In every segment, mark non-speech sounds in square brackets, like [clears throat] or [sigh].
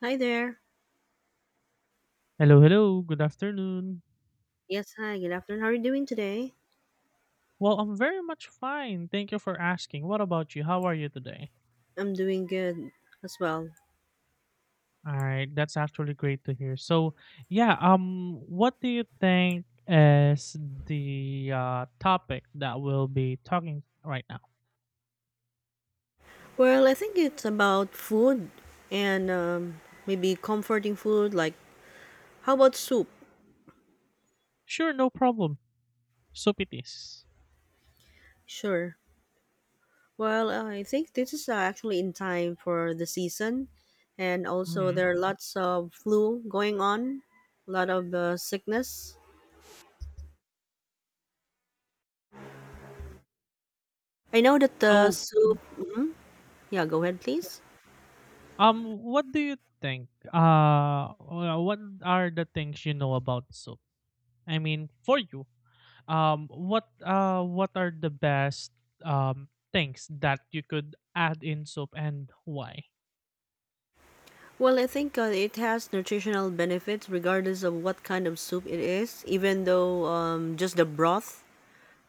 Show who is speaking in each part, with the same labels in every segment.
Speaker 1: Hi there.
Speaker 2: Hello, hello. Good afternoon.
Speaker 1: Yes, hi. Good afternoon. How are you doing today?
Speaker 2: Well, I'm very much fine. Thank you for asking. What about you? How are you today?
Speaker 1: I'm doing good as well.
Speaker 2: All right, that's actually great to hear. So, yeah, what do you think is the topic that we'll be talking right now?
Speaker 1: Well, I think it's about food and maybe comforting food. Like, how about soup?
Speaker 2: Sure, no problem. Soup it is.
Speaker 1: Sure. Well, I think this is actually in time for the season, and also
Speaker 2: Mhm.
Speaker 1: there are lots of flu going on, a lot of sickness. I know that the
Speaker 2: So,
Speaker 1: soup.
Speaker 2: mhm,
Speaker 1: Yeah, go ahead,
Speaker 2: yeah.
Speaker 1: please.
Speaker 2: What do you think? What are the things you know about soup? I mean, for you, what are the best things that you could add in soup, and why?
Speaker 1: Well, I think it has nutritional benefits regardless of what kind of soup it is, even though just the broth,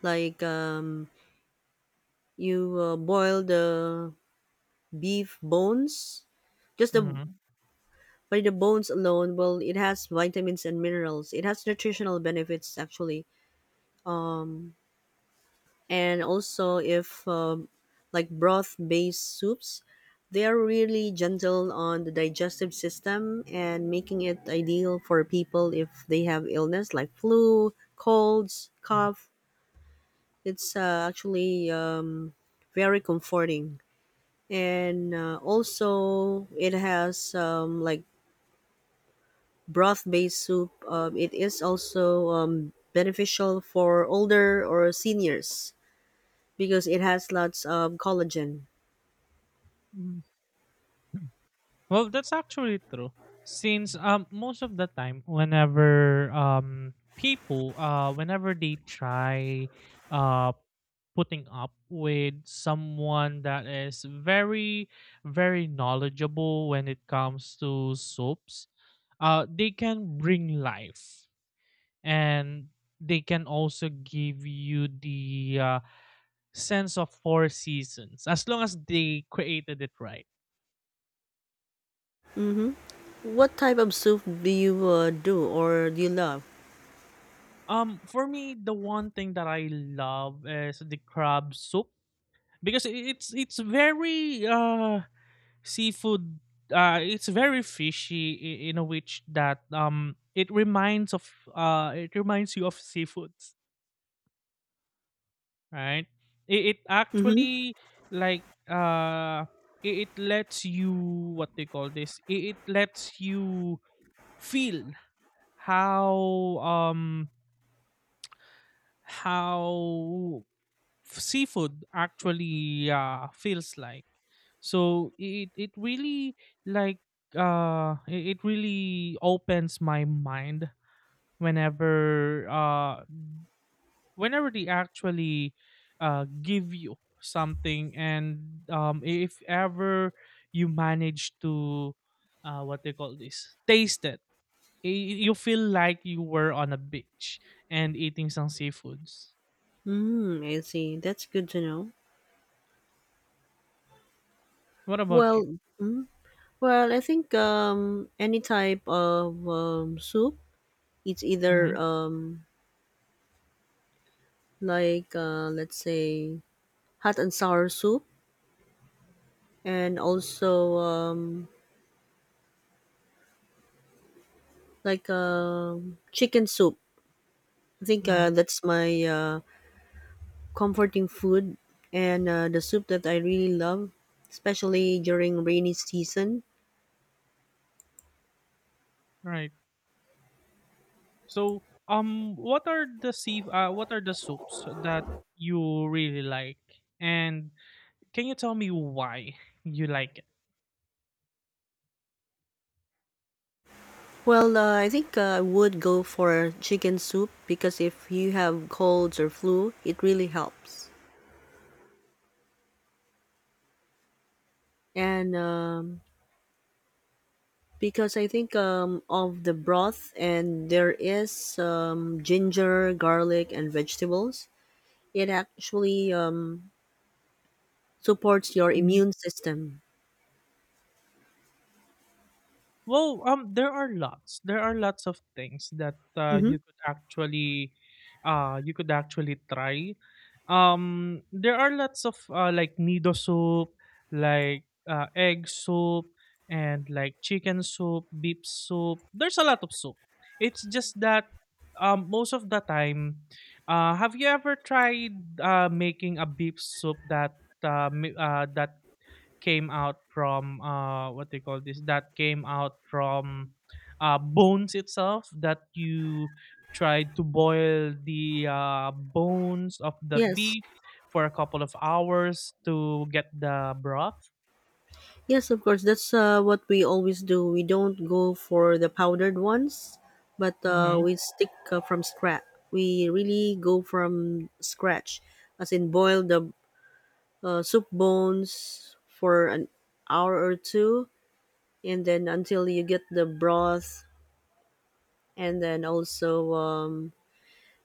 Speaker 1: like you boil the beef bones, just the
Speaker 2: Mhm,
Speaker 1: by the bones alone, well, it has vitamins and minerals. It has nutritional benefits actually. Um. And also if like broth based soups, they are really gentle on the digestive system and making it ideal for people if they have illness like flu, colds,
Speaker 2: mhm,
Speaker 1: cough. It's actually very comforting, and also it has like broth based soup, it is also beneficial for older or seniors because it has lots of collagen.
Speaker 2: mhm. [clears throat] Well, that's actually true, since most of the time whenever people whenever they try uh putting up with someone that is very very knowledgeable when it comes to soups, they can bring life, and they can also give you the sense of four seasons as long as they created it right.
Speaker 1: Mm-hmm. What type of soup do you do you love?
Speaker 2: For me, the one thing that I love is the crab soup, because it's very seafood. It's very fishy in a which that it reminds of it reminds you of seafood, right? It
Speaker 1: Mm-hmm.
Speaker 2: actually, like, it lets you, what they call this, it lets you feel how, um how, seafood actually feels like. So it really, like, it really opens my mind, whenever whenever they actually give you something. And if ever you manage to, what they call this, taste it, you feel like you were on a beach and eating some seafoods.
Speaker 1: Mm, I see. That's good to know.
Speaker 2: What about you?
Speaker 1: Well, well, I think any type of soup. It's either
Speaker 2: Hmm.
Speaker 1: like, let's say, hot and sour soup, and also like chicken soup. I think
Speaker 2: Hmm.
Speaker 1: that's my comforting food, and the soup that I really love, especially during rainy season.
Speaker 2: Right. So, what are the sea what are the soups that you really like, and can you tell me why you like
Speaker 1: Well, I think I would go for chicken soup because if you have colds or flu, it really helps. And because I think of the broth and there is ginger, garlic, and vegetables, it actually supports your
Speaker 2: it?
Speaker 1: immune system.
Speaker 2: Well, there are lots. There are lots of things that
Speaker 1: Hmm.
Speaker 2: you could actually try. There are lots of like nido soup, like egg soup, and like chicken soup, beef soup. There's a lot of soup. It's just that most of the time, have you ever tried making a beef soup that that came out from what they call this, that came out from bones itself, that you tried to boil the bones of the
Speaker 1: Yes.
Speaker 2: beef for a couple of hours to get the broth?
Speaker 1: Yes, of course. That's what we always do. We don't go for the powdered ones, but
Speaker 2: Hmm.
Speaker 1: we stick, from scratch. We really go from scratch, as in boil the soup bones for an hour or two, and then until you get the broth, and then also,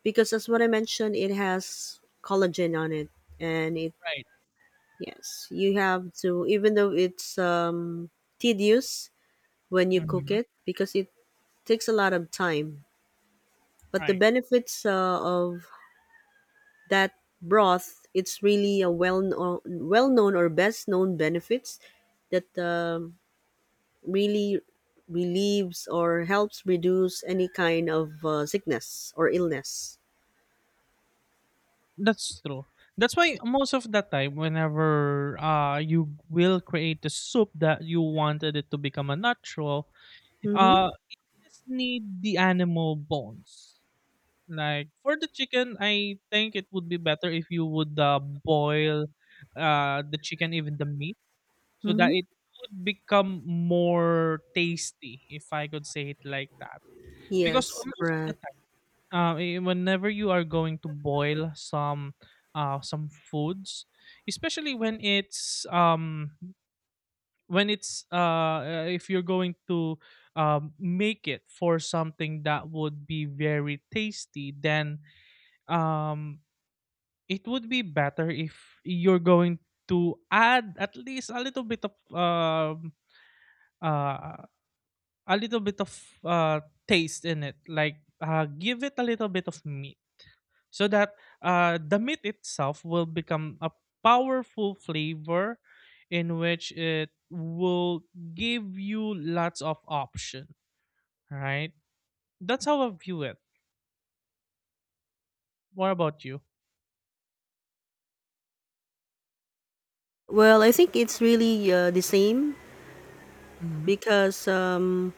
Speaker 1: because as what I mentioned, it has collagen on it, and it
Speaker 2: Right.
Speaker 1: yes, you have to, even though it's tedious when you cook
Speaker 2: Hmm.
Speaker 1: it because it takes a lot of time. But the
Speaker 2: Right.
Speaker 1: benefits of that broth, it's really a well known, or best known benefits, that really relieves or helps reduce any kind of sickness or illness.
Speaker 2: That's true. That's why most of the time, whenever you will create the soup, that you wanted it to become a natural,
Speaker 1: Mm-hmm.
Speaker 2: uh just need the animal bones. Like for the chicken, I think it would be better if you would boil the chicken, even the meat, so that
Speaker 1: Mm-hmm.
Speaker 2: it would become more tasty, if I could say it like that. Because
Speaker 1: Yes,
Speaker 2: most of the
Speaker 1: correct.
Speaker 2: time, eh, whenever you are going to boil some foods, especially when it's if you're going to make it for something that would be very tasty, then um it would be better if you're going to add at least a little bit of uh, a little bit of uh, taste in it. Like give it a little bit of meat, so that the meat itself will become a powerful flavor, in which it will give you lots of option. Right? That's how I view it. What about you?
Speaker 1: Well, I think it's really the same,
Speaker 2: Hmm.
Speaker 1: because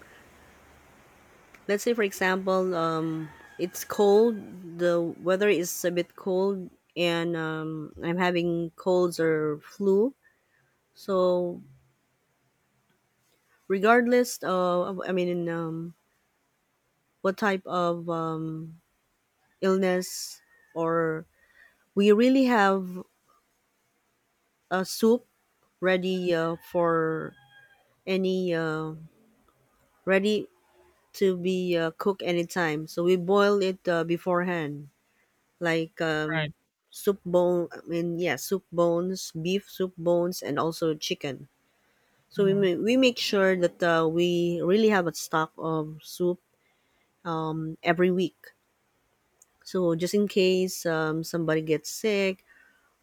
Speaker 1: let's say, for example, it's cold, the weather is a bit cold, and I'm having colds or flu, so regardless of, I mean, in, what type of illness, or we really have a soup ready, for any, ready to be cooked anytime, so we boil it beforehand, like
Speaker 2: Right.
Speaker 1: soup bone. I mean, yeah, soup bones, beef soup bones, and also chicken. So we
Speaker 2: Hmm.
Speaker 1: ma- we make sure that we really have a stock of soup every week. So just in case somebody gets sick,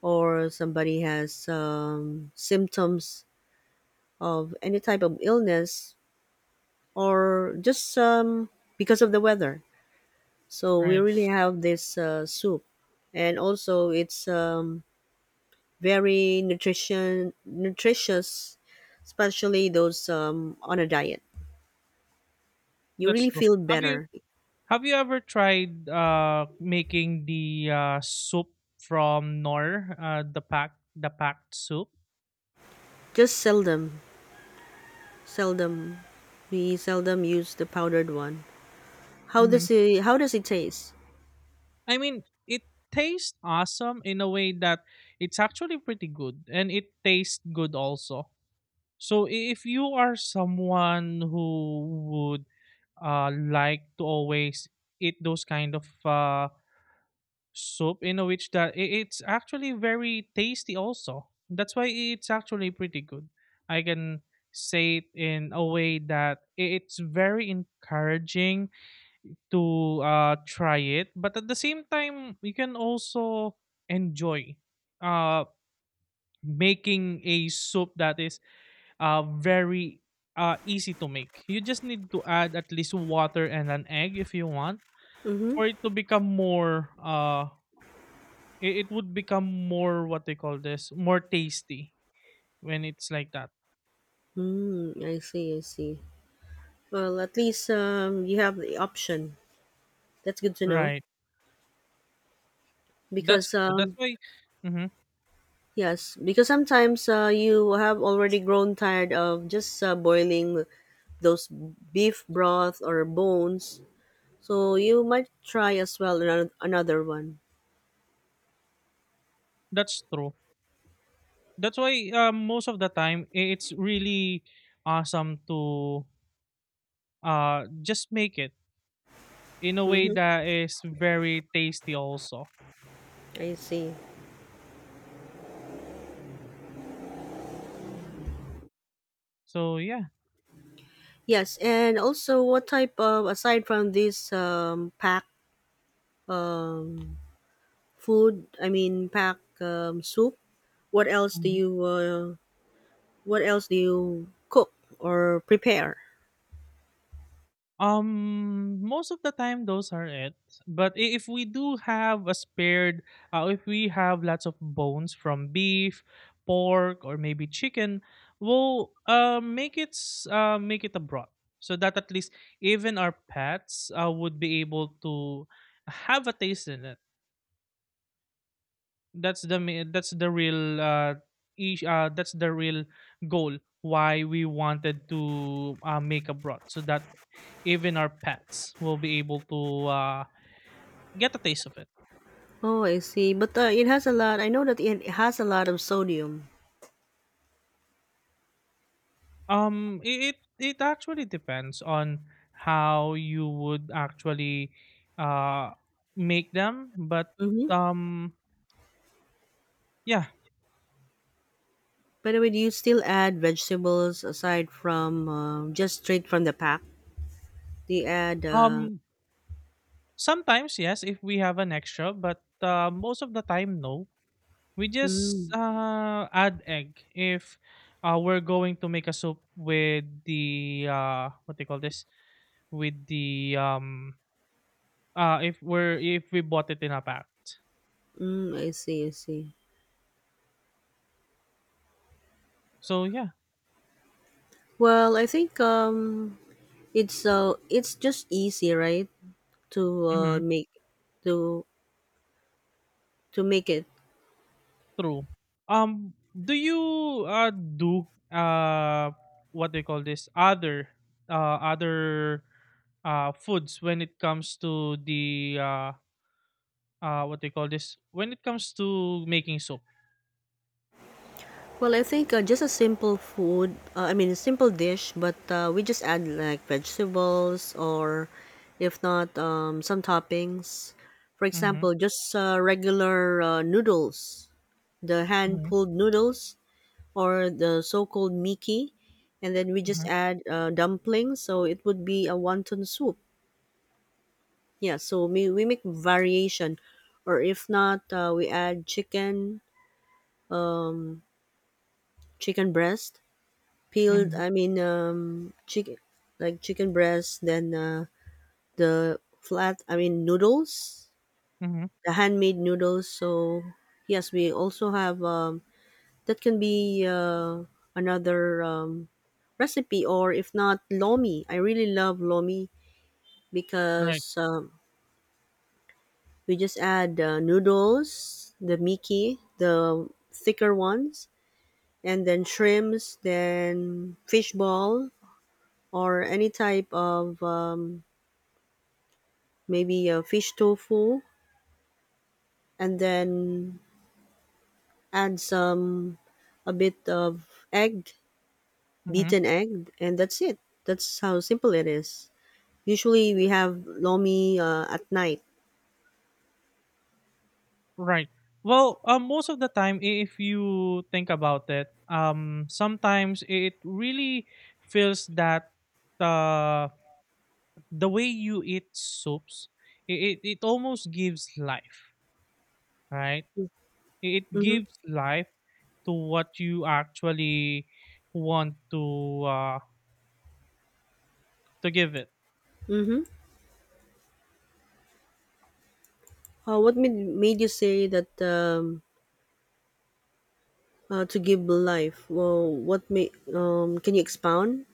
Speaker 1: or somebody has symptoms of any type of illness, or just because of the weather. So we
Speaker 2: Right.
Speaker 1: really have this soup, and also it's very nutrition nutritious, especially those on a diet. You
Speaker 2: That's
Speaker 1: really
Speaker 2: true.
Speaker 1: feel
Speaker 2: Have you
Speaker 1: better.
Speaker 2: Have you ever tried making the soup from nor the pack, the packed soup?
Speaker 1: Just seldom, seldom, we seldom use the powdered one. How
Speaker 2: Hmm.
Speaker 1: does it? How does it taste?
Speaker 2: I mean, it tastes awesome, in a way that it's actually pretty good, and it tastes good also. So if you are someone who would like to always eat those kind of soup, in a which that it's actually very tasty also, that's why it's actually pretty good. I can say it in a way that it's very encouraging to try it, but at the same time, you can also enjoy uh, making a soup that is very easy to make. You just need to add at least water and an egg, if you want,
Speaker 1: Mm-hmm.
Speaker 2: for it to become more it would become more, what they call this, more tasty, when it's like that.
Speaker 1: Mm, I see. I see. Well, at least you have the option. That's good to know
Speaker 2: Right.
Speaker 1: because
Speaker 2: That's true. That's why, mhm,
Speaker 1: yes, because sometimes you have already grown tired of just boiling those beef broth or bones. So you might try as well another one.
Speaker 2: that's true. That's why most of the time it's really awesome to just make it in a way
Speaker 1: Mm-hmm.
Speaker 2: that is very tasty also.
Speaker 1: I see.
Speaker 2: So, yeah.
Speaker 1: Yes, and also what type of, aside from this pack um, food? I mean, pack soup. What else do you uh, What else do you cook or prepare?
Speaker 2: Most of the time, those are it. But if we do have a spared, if we have lots of bones from beef, pork, or maybe chicken, we'll make it make it a broth, so that at least even our pets would be able to have a taste in it. That's the that's the real that's the real goal why we wanted to make abroad, so that even our pets will be able to get a taste of it.
Speaker 1: Oh, I see. But it has a lot. I know that it has a lot of sodium.
Speaker 2: It actually depends on how you would actually uh make them, but
Speaker 1: Mm-hmm.
Speaker 2: um yeah.
Speaker 1: By the way, do you still add vegetables aside from just straight from the pack? Do you add?
Speaker 2: um Sometimes, yes, if we have an extra, but most of the time, no. We just
Speaker 1: Mm,
Speaker 2: add egg if we're going to make a soup with the what do you call this? With the if we're if we bought it in a pack.
Speaker 1: Mm, I see, I see.
Speaker 2: So yeah.
Speaker 1: Well, I think it's just easy, right? To uh
Speaker 2: Mm-hmm.
Speaker 1: make to to make it.
Speaker 2: True. Do you do what do you call this? Other other foods when it comes to the what do you call this, when it comes to making soup?
Speaker 1: Well, I think just a simple food, I mean, a simple dish, but we just add like vegetables, or if not some toppings. For
Speaker 2: Mm-hmm,
Speaker 1: example, just regular noodles, the
Speaker 2: mm-hmm,
Speaker 1: hand-pulled noodles, or the so-called miki, and then we
Speaker 2: mm-hmm,
Speaker 1: just add dumplings, so it would be a wonton soup. Yeah, so we make variation, or if not, we add chicken, chicken breast, peeled. I mean, chicken, like chicken breast, then the flat. I mean, noodles,
Speaker 2: mm-hmm.
Speaker 1: the handmade noodles. So yes, we also have, that can be another recipe, or if not, lomi. I really love lomi
Speaker 2: Right.
Speaker 1: because we just add the noodles, the miki, the thicker ones, and then shrimps, then fish ball, or any type of, maybe a fish tofu, and then add some a bit of egg,
Speaker 2: Hmm.
Speaker 1: beaten egg, and that's it. That's how simple it is. Usually we have lomi at night.
Speaker 2: Right. Well, most of the time, if you think about it, sometimes it really feels that uh, the way you eat soups, it almost gives life, right? It
Speaker 1: Mm-hmm.
Speaker 2: gives life to what you actually want to, to give it.
Speaker 1: Mm-hmm. What made you say that, to give life. Well, what may can you expound?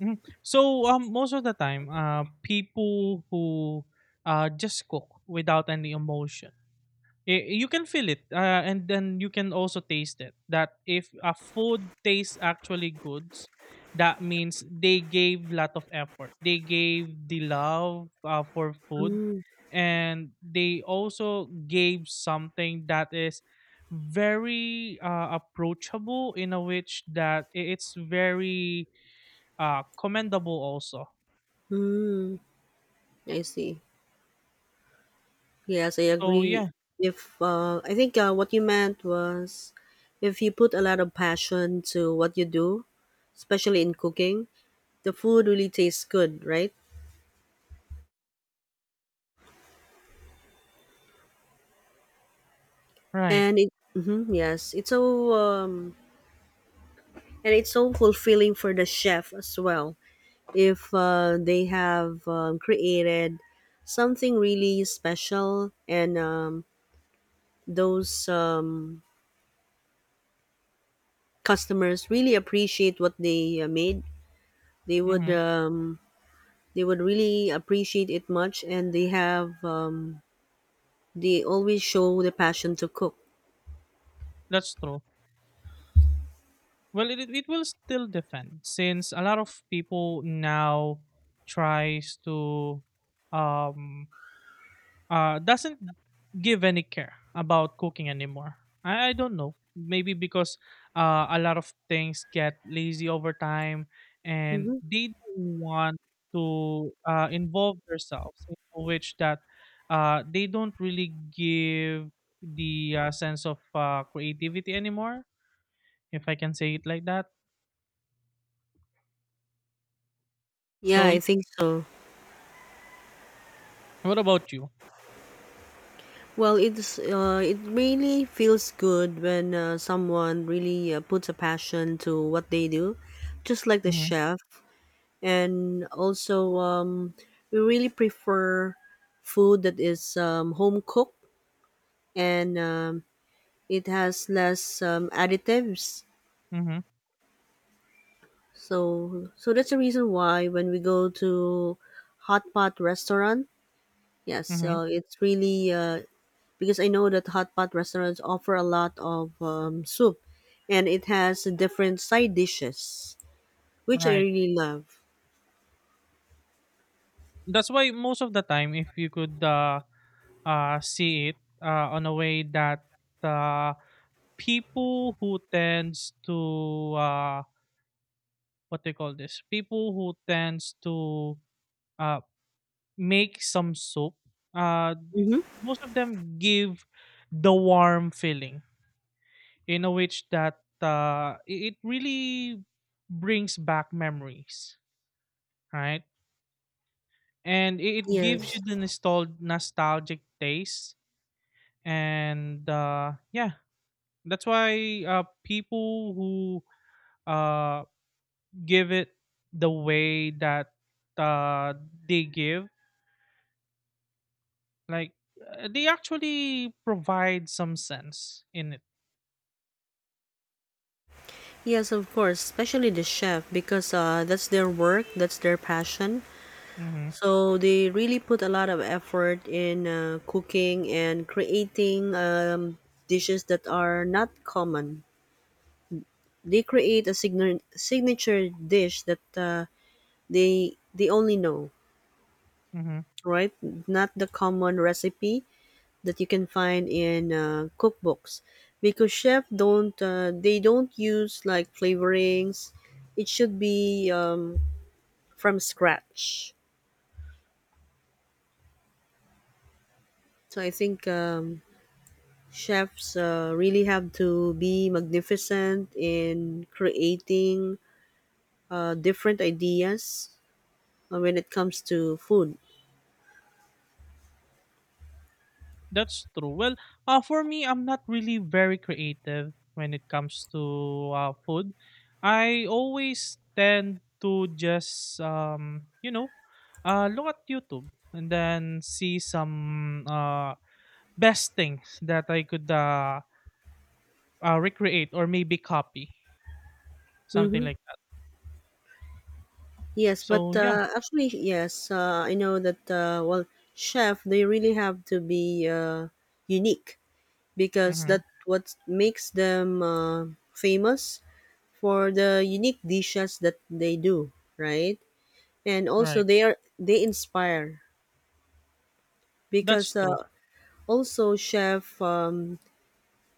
Speaker 2: Mhm. So most of the time, people who just cook without any emotion, you can feel it, and then you can also taste it, that if a food tastes actually good, that means they gave lot of effort, they gave the love for food.
Speaker 1: Mm,
Speaker 2: And they also gave something that is very approachable, in a which that it's very commendable also.
Speaker 1: mm, I see. Yes, I
Speaker 2: So
Speaker 1: agree.
Speaker 2: yeah.
Speaker 1: If I think what you meant was, if you put a lot of passion to what you do, especially in cooking, the food really tastes good, right?
Speaker 2: Right.
Speaker 1: And it, mhm, yes, it's so, and it's so fulfilling for the chef as well. If they have created something really special, and those customers really appreciate what they made, they would
Speaker 2: Hmm.
Speaker 1: um, they would really appreciate it much, and they always show the passion to cook.
Speaker 2: That's true. Well, it will still depend, since a lot of people now tries to um doesn't give any care about cooking anymore. I don't know. Maybe because a lot of things get lazy over time and
Speaker 1: Hmm.
Speaker 2: they don't want to involve themselves in which that they don't really give the sense of creativity anymore, if I can say it like that.
Speaker 1: Yeah,
Speaker 2: So,
Speaker 1: I think so.
Speaker 2: what about you?
Speaker 1: Well, it really feels good when someone really puts a passion to what they do, just like the
Speaker 2: Mm-hmm.
Speaker 1: chef, and also we really prefer food that is home cooked, and it has less additives.
Speaker 2: Mm-hmm.
Speaker 1: So that's the reason why when we go to hot pot restaurant, yes,
Speaker 2: Mm-hmm.
Speaker 1: so it's really because I know that hot pot restaurants offer a lot of soup, and it has different side dishes, which I
Speaker 2: Right.
Speaker 1: really love.
Speaker 2: That's why most of the time, if you could see it on a way that uh, people who tends to, what do you call this? People who tends to uh, make some soup, uh,
Speaker 1: Mm-hmm.
Speaker 2: most of them give the warm feeling, in a which that it it really brings back memories, right? And it gives
Speaker 1: Yes,
Speaker 2: you the nostalgic taste, and yeah, that's why people who uh give it the way that uh they give, like, they actually provide some sense in it.
Speaker 1: yes, of course, especially the chef, because that's their work, that's their passion.
Speaker 2: Mm-hmm.
Speaker 1: So they really put a lot of effort in cooking and creating dishes that are not common. They create a signature dish that they only know,
Speaker 2: Mm-hmm.
Speaker 1: right? Not the common recipe that you can find in cookbooks, because chef don't they don't use like flavorings. It should be, from scratch. So I think, chefs really have to be magnificent in creating different ideas when it comes to food.
Speaker 2: That's true. Well, for me, I'm not really very creative when it comes to food. I always tend to just, look at YouTube and then see some best things that I could, recreate or maybe copy, something
Speaker 1: Mm-hmm.
Speaker 2: like that.
Speaker 1: Yes, but
Speaker 2: So, yeah.
Speaker 1: actually, yes, I know that. Well, chef, they really have to be unique, because
Speaker 2: Mm-hmm.
Speaker 1: that what makes them famous for the unique dishes that they do, right? And also,
Speaker 2: Right.
Speaker 1: they inspire,
Speaker 2: That's
Speaker 1: because
Speaker 2: true.
Speaker 1: also chef,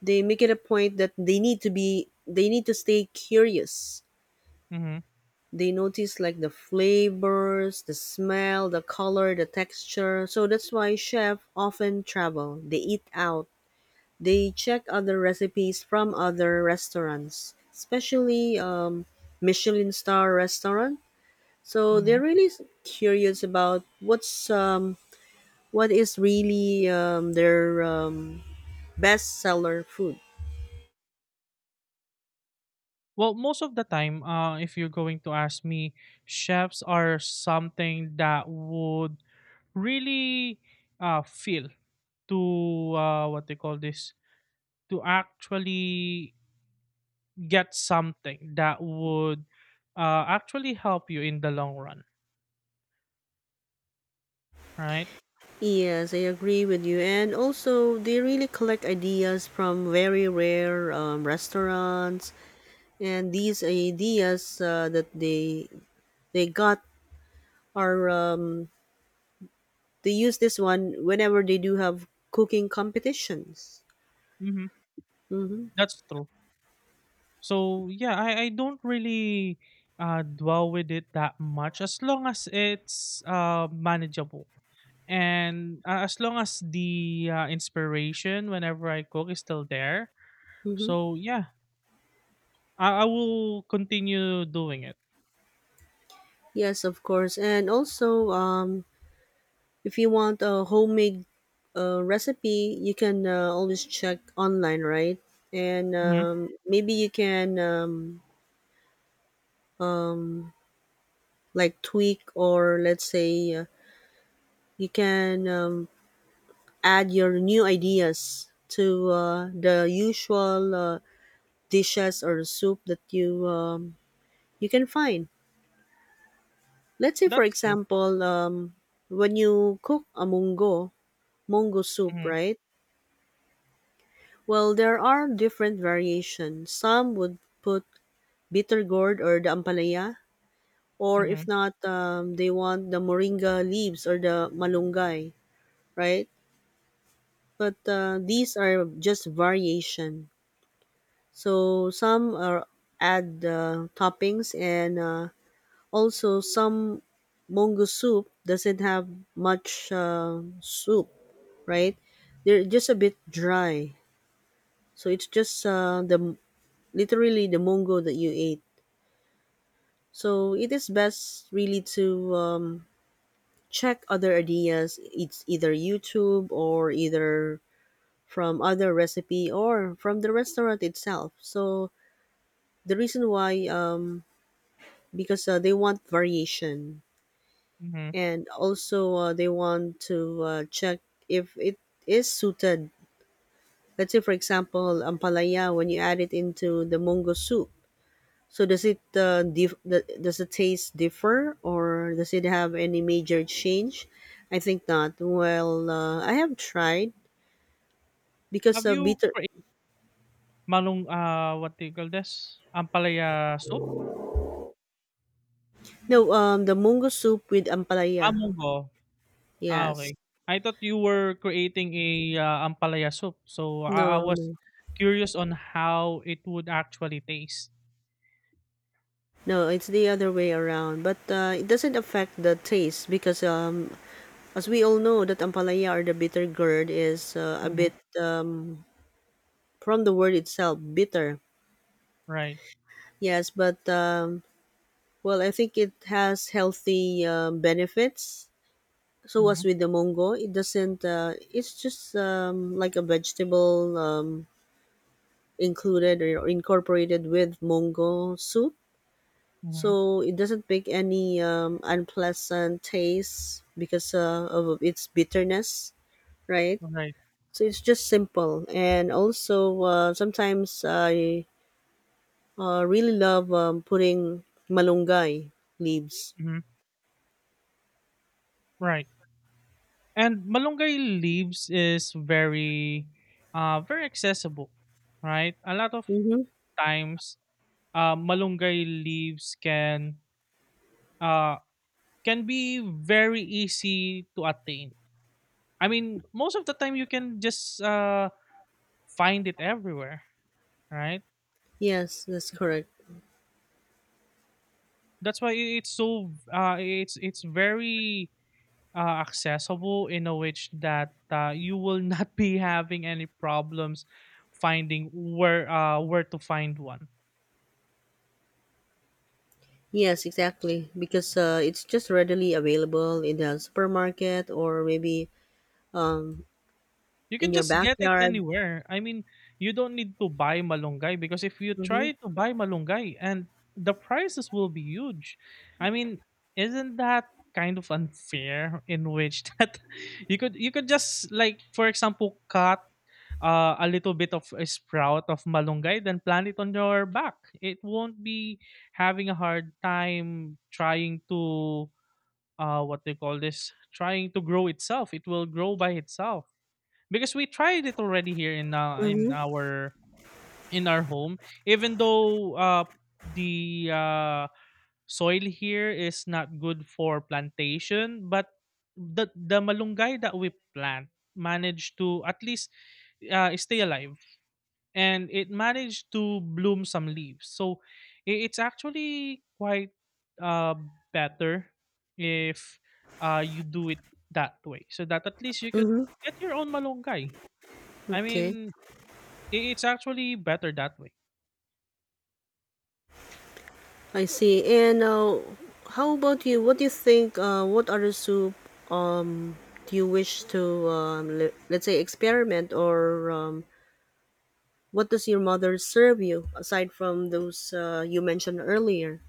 Speaker 1: they make it a point that they need to stay curious.
Speaker 2: Mm-hmm.
Speaker 1: They notice like the flavors, the smell, the color, the texture. So that's why chefs often travel, they eat out, they check other recipes from other restaurants, especially Michelin star restaurant. So they're
Speaker 2: Mm-hmm.
Speaker 1: really curious about what is really, their, best seller food.
Speaker 2: Well, most of the time, if you're going to ask me, chefs are something that would really feel to, what they call this, to actually get something that would actually help you in the long run, right?
Speaker 1: Yes, I agree with you. And also, they really collect ideas from very rare restaurants, and these ideas that they got are they use this one whenever they do have cooking competitions.
Speaker 2: Mm-hmm.
Speaker 1: Mm-hmm.
Speaker 2: That's true. So yeah, I don't really dwell with it that much, as long as it's manageable, and as long as the inspiration whenever I cook is still there,
Speaker 1: Mm-hmm.
Speaker 2: so yeah, I will continue doing it.
Speaker 1: Yes, of course. And also, if you want a homemade recipe, you can always check online, right? And
Speaker 2: Hmm.
Speaker 1: maybe you can. Like, tweak, or let's say, you can add your new ideas to the usual dishes or soup that you can find. Let's say, for
Speaker 2: That's true.
Speaker 1: example, when you cook a mungo soup,
Speaker 2: Hmm.
Speaker 1: right? Well, there are different variations. Some would put bitter gourd or the ampalaya, or
Speaker 2: Hmm.
Speaker 1: if not, they want the moringa leaves or the malunggay, right? But these are just variation. So some are add toppings, and also some mongo soup doesn't have much soup, right? They're just a bit dry. So it's just the literally the mongo that you ate. So it is best really to, check other ideas. It's either YouTube or either from other recipe or from the restaurant itself. So the reason why, because they want variation,
Speaker 2: Hmm.
Speaker 1: and also they want to check if it is suited. Let's say, for example, ampalaya when you add it into the mongo soup. So does the taste differ or does it have any major change? I think not. Well, I have tried because
Speaker 2: Have you
Speaker 1: bitter.
Speaker 2: created malung what do you call this? Ampalaya soup?
Speaker 1: No, the mongo soup with
Speaker 2: Ah,
Speaker 1: ampalaya.
Speaker 2: munggo. Ah,
Speaker 1: Yes.
Speaker 2: okay. I thought you were creating a ampalaya soup, so I
Speaker 1: No,
Speaker 2: was
Speaker 1: no.
Speaker 2: curious on how it would actually taste.
Speaker 1: No, it's the other way around. But it doesn't affect the taste, because, as we all know, that ampalaya or the bitter gourd is a
Speaker 2: Hmm.
Speaker 1: bit, um, from the word itself, bitter.
Speaker 2: Right.
Speaker 1: Yes, but well, I think it has healthy benefits. So as
Speaker 2: Hmm.
Speaker 1: with the mongo, it doesn't. It's just, like a vegetable included or incorporated with mongo soup.
Speaker 2: Hmm.
Speaker 1: So it doesn't make any unpleasant taste because of its bitterness, right?
Speaker 2: Right.
Speaker 1: So it's just simple, and also sometimes I really love putting malunggay leaves.
Speaker 2: Hmm. Right. And malunggay leaves is very very accessible, right? A lot of
Speaker 1: Mm-hmm.
Speaker 2: times malunggay leaves uh can be very easy to attain. I mean, most of the time you can just find it everywhere, right?
Speaker 1: Yes, that's correct.
Speaker 2: That's why it's so it's very accessible, in a which that you will [laughs] not be having any problems finding where to find one.
Speaker 1: Yes,
Speaker 2: So,
Speaker 1: exactly. Because it's just readily available in the supermarket, or maybe um,
Speaker 2: you
Speaker 1: in
Speaker 2: can
Speaker 1: your
Speaker 2: just get it
Speaker 1: backyard.
Speaker 2: anywhere. I mean, you don't need to buy malunggay, because if you
Speaker 1: Mm-hmm.
Speaker 2: try to buy malunggay, and the prices will be huge. I mean, isn't that kind of unfair, in which [laughs] that you could just, like, for example, cut a little bit of a sprout of malunggay, then plant it on your back. It won't be having a hard time trying to what they call this, trying to grow itself. It will grow by itself, because we tried it already here
Speaker 1: Mm-hmm.
Speaker 2: in our home, even though the soil here is not good for plantation, but the malunggay that we plant managed to at least stay alive, and it managed to bloom some leaves. So it's actually quite uh better if you do it that way, so that at least you could
Speaker 1: Mm-hmm.
Speaker 2: get your own malunggay. I
Speaker 1: Okay.
Speaker 2: mean, I- It's actually better that way.
Speaker 1: I see. And how about you? What do you think? What other soup, um, do you wish to, let's say, experiment? Or what does your mother serve you aside from those you mentioned earlier?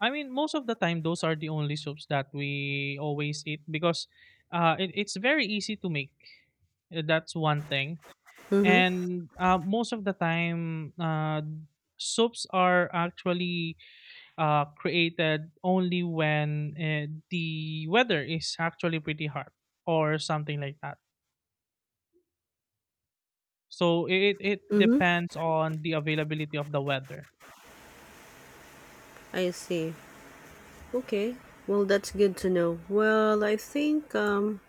Speaker 2: I mean, most of the time, those are the only soups that we always eat, because it's very easy to make. That's one thing.
Speaker 1: Mm-hmm.
Speaker 2: And most of the time, soups are actually created only when the weather is actually pretty hot or something like that. So it
Speaker 1: Mm-hmm.
Speaker 2: depends on the availability of the weather.
Speaker 1: I see. Okay. Well, that's good to know. Well, I think,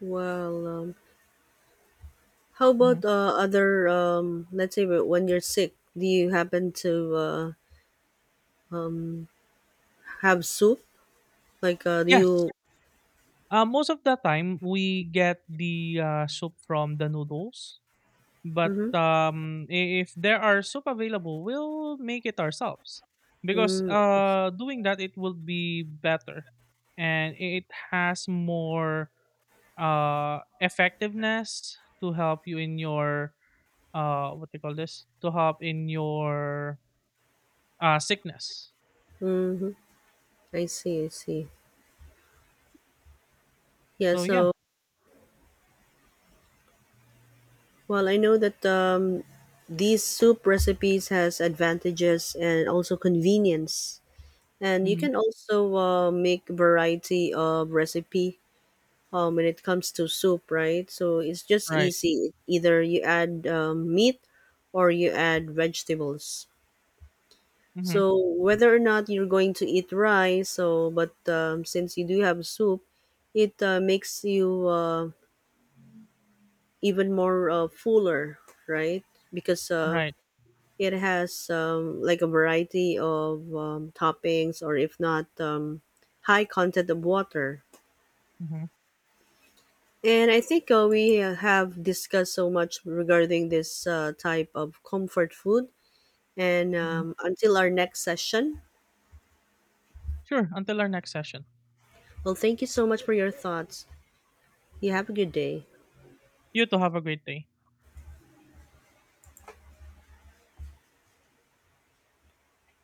Speaker 1: well, how
Speaker 2: Mhm.
Speaker 1: about other, let's say, when you're sick, do you happen to have soup? Like, do
Speaker 2: Yes.
Speaker 1: you?
Speaker 2: Most of the time, we get the soup from the noodles. But
Speaker 1: Mhm.
Speaker 2: if there are soup available, we'll make it ourselves, because
Speaker 1: Mm,
Speaker 2: doing that, it will be better, and it has more effectiveness to help you in your, what do you call this, to help in your sickness.
Speaker 1: mhm. I see, I see. Yeah,
Speaker 2: So yeah.
Speaker 1: so well, I know that these soup recipes has advantages and also convenience. And you
Speaker 2: Hmm.
Speaker 1: can also make variety of recipe when it comes to soup, right? So it's just
Speaker 2: Right.
Speaker 1: easy. Either you add meat or you add vegetables.
Speaker 2: Hmm.
Speaker 1: So whether or not you're going to eat rice, so but since you do have soup, it makes you even more fuller, right? Because
Speaker 2: Right.
Speaker 1: it has, like a variety of toppings, or if not, high content of water.
Speaker 2: Hmm.
Speaker 1: And I think we have discussed so much regarding this type of comfort food. And
Speaker 2: Hmm.
Speaker 1: until our next session,
Speaker 2: Sure. Until our next session,
Speaker 1: well, thank you so much for your thoughts. You have a good day.
Speaker 2: you too have a great day.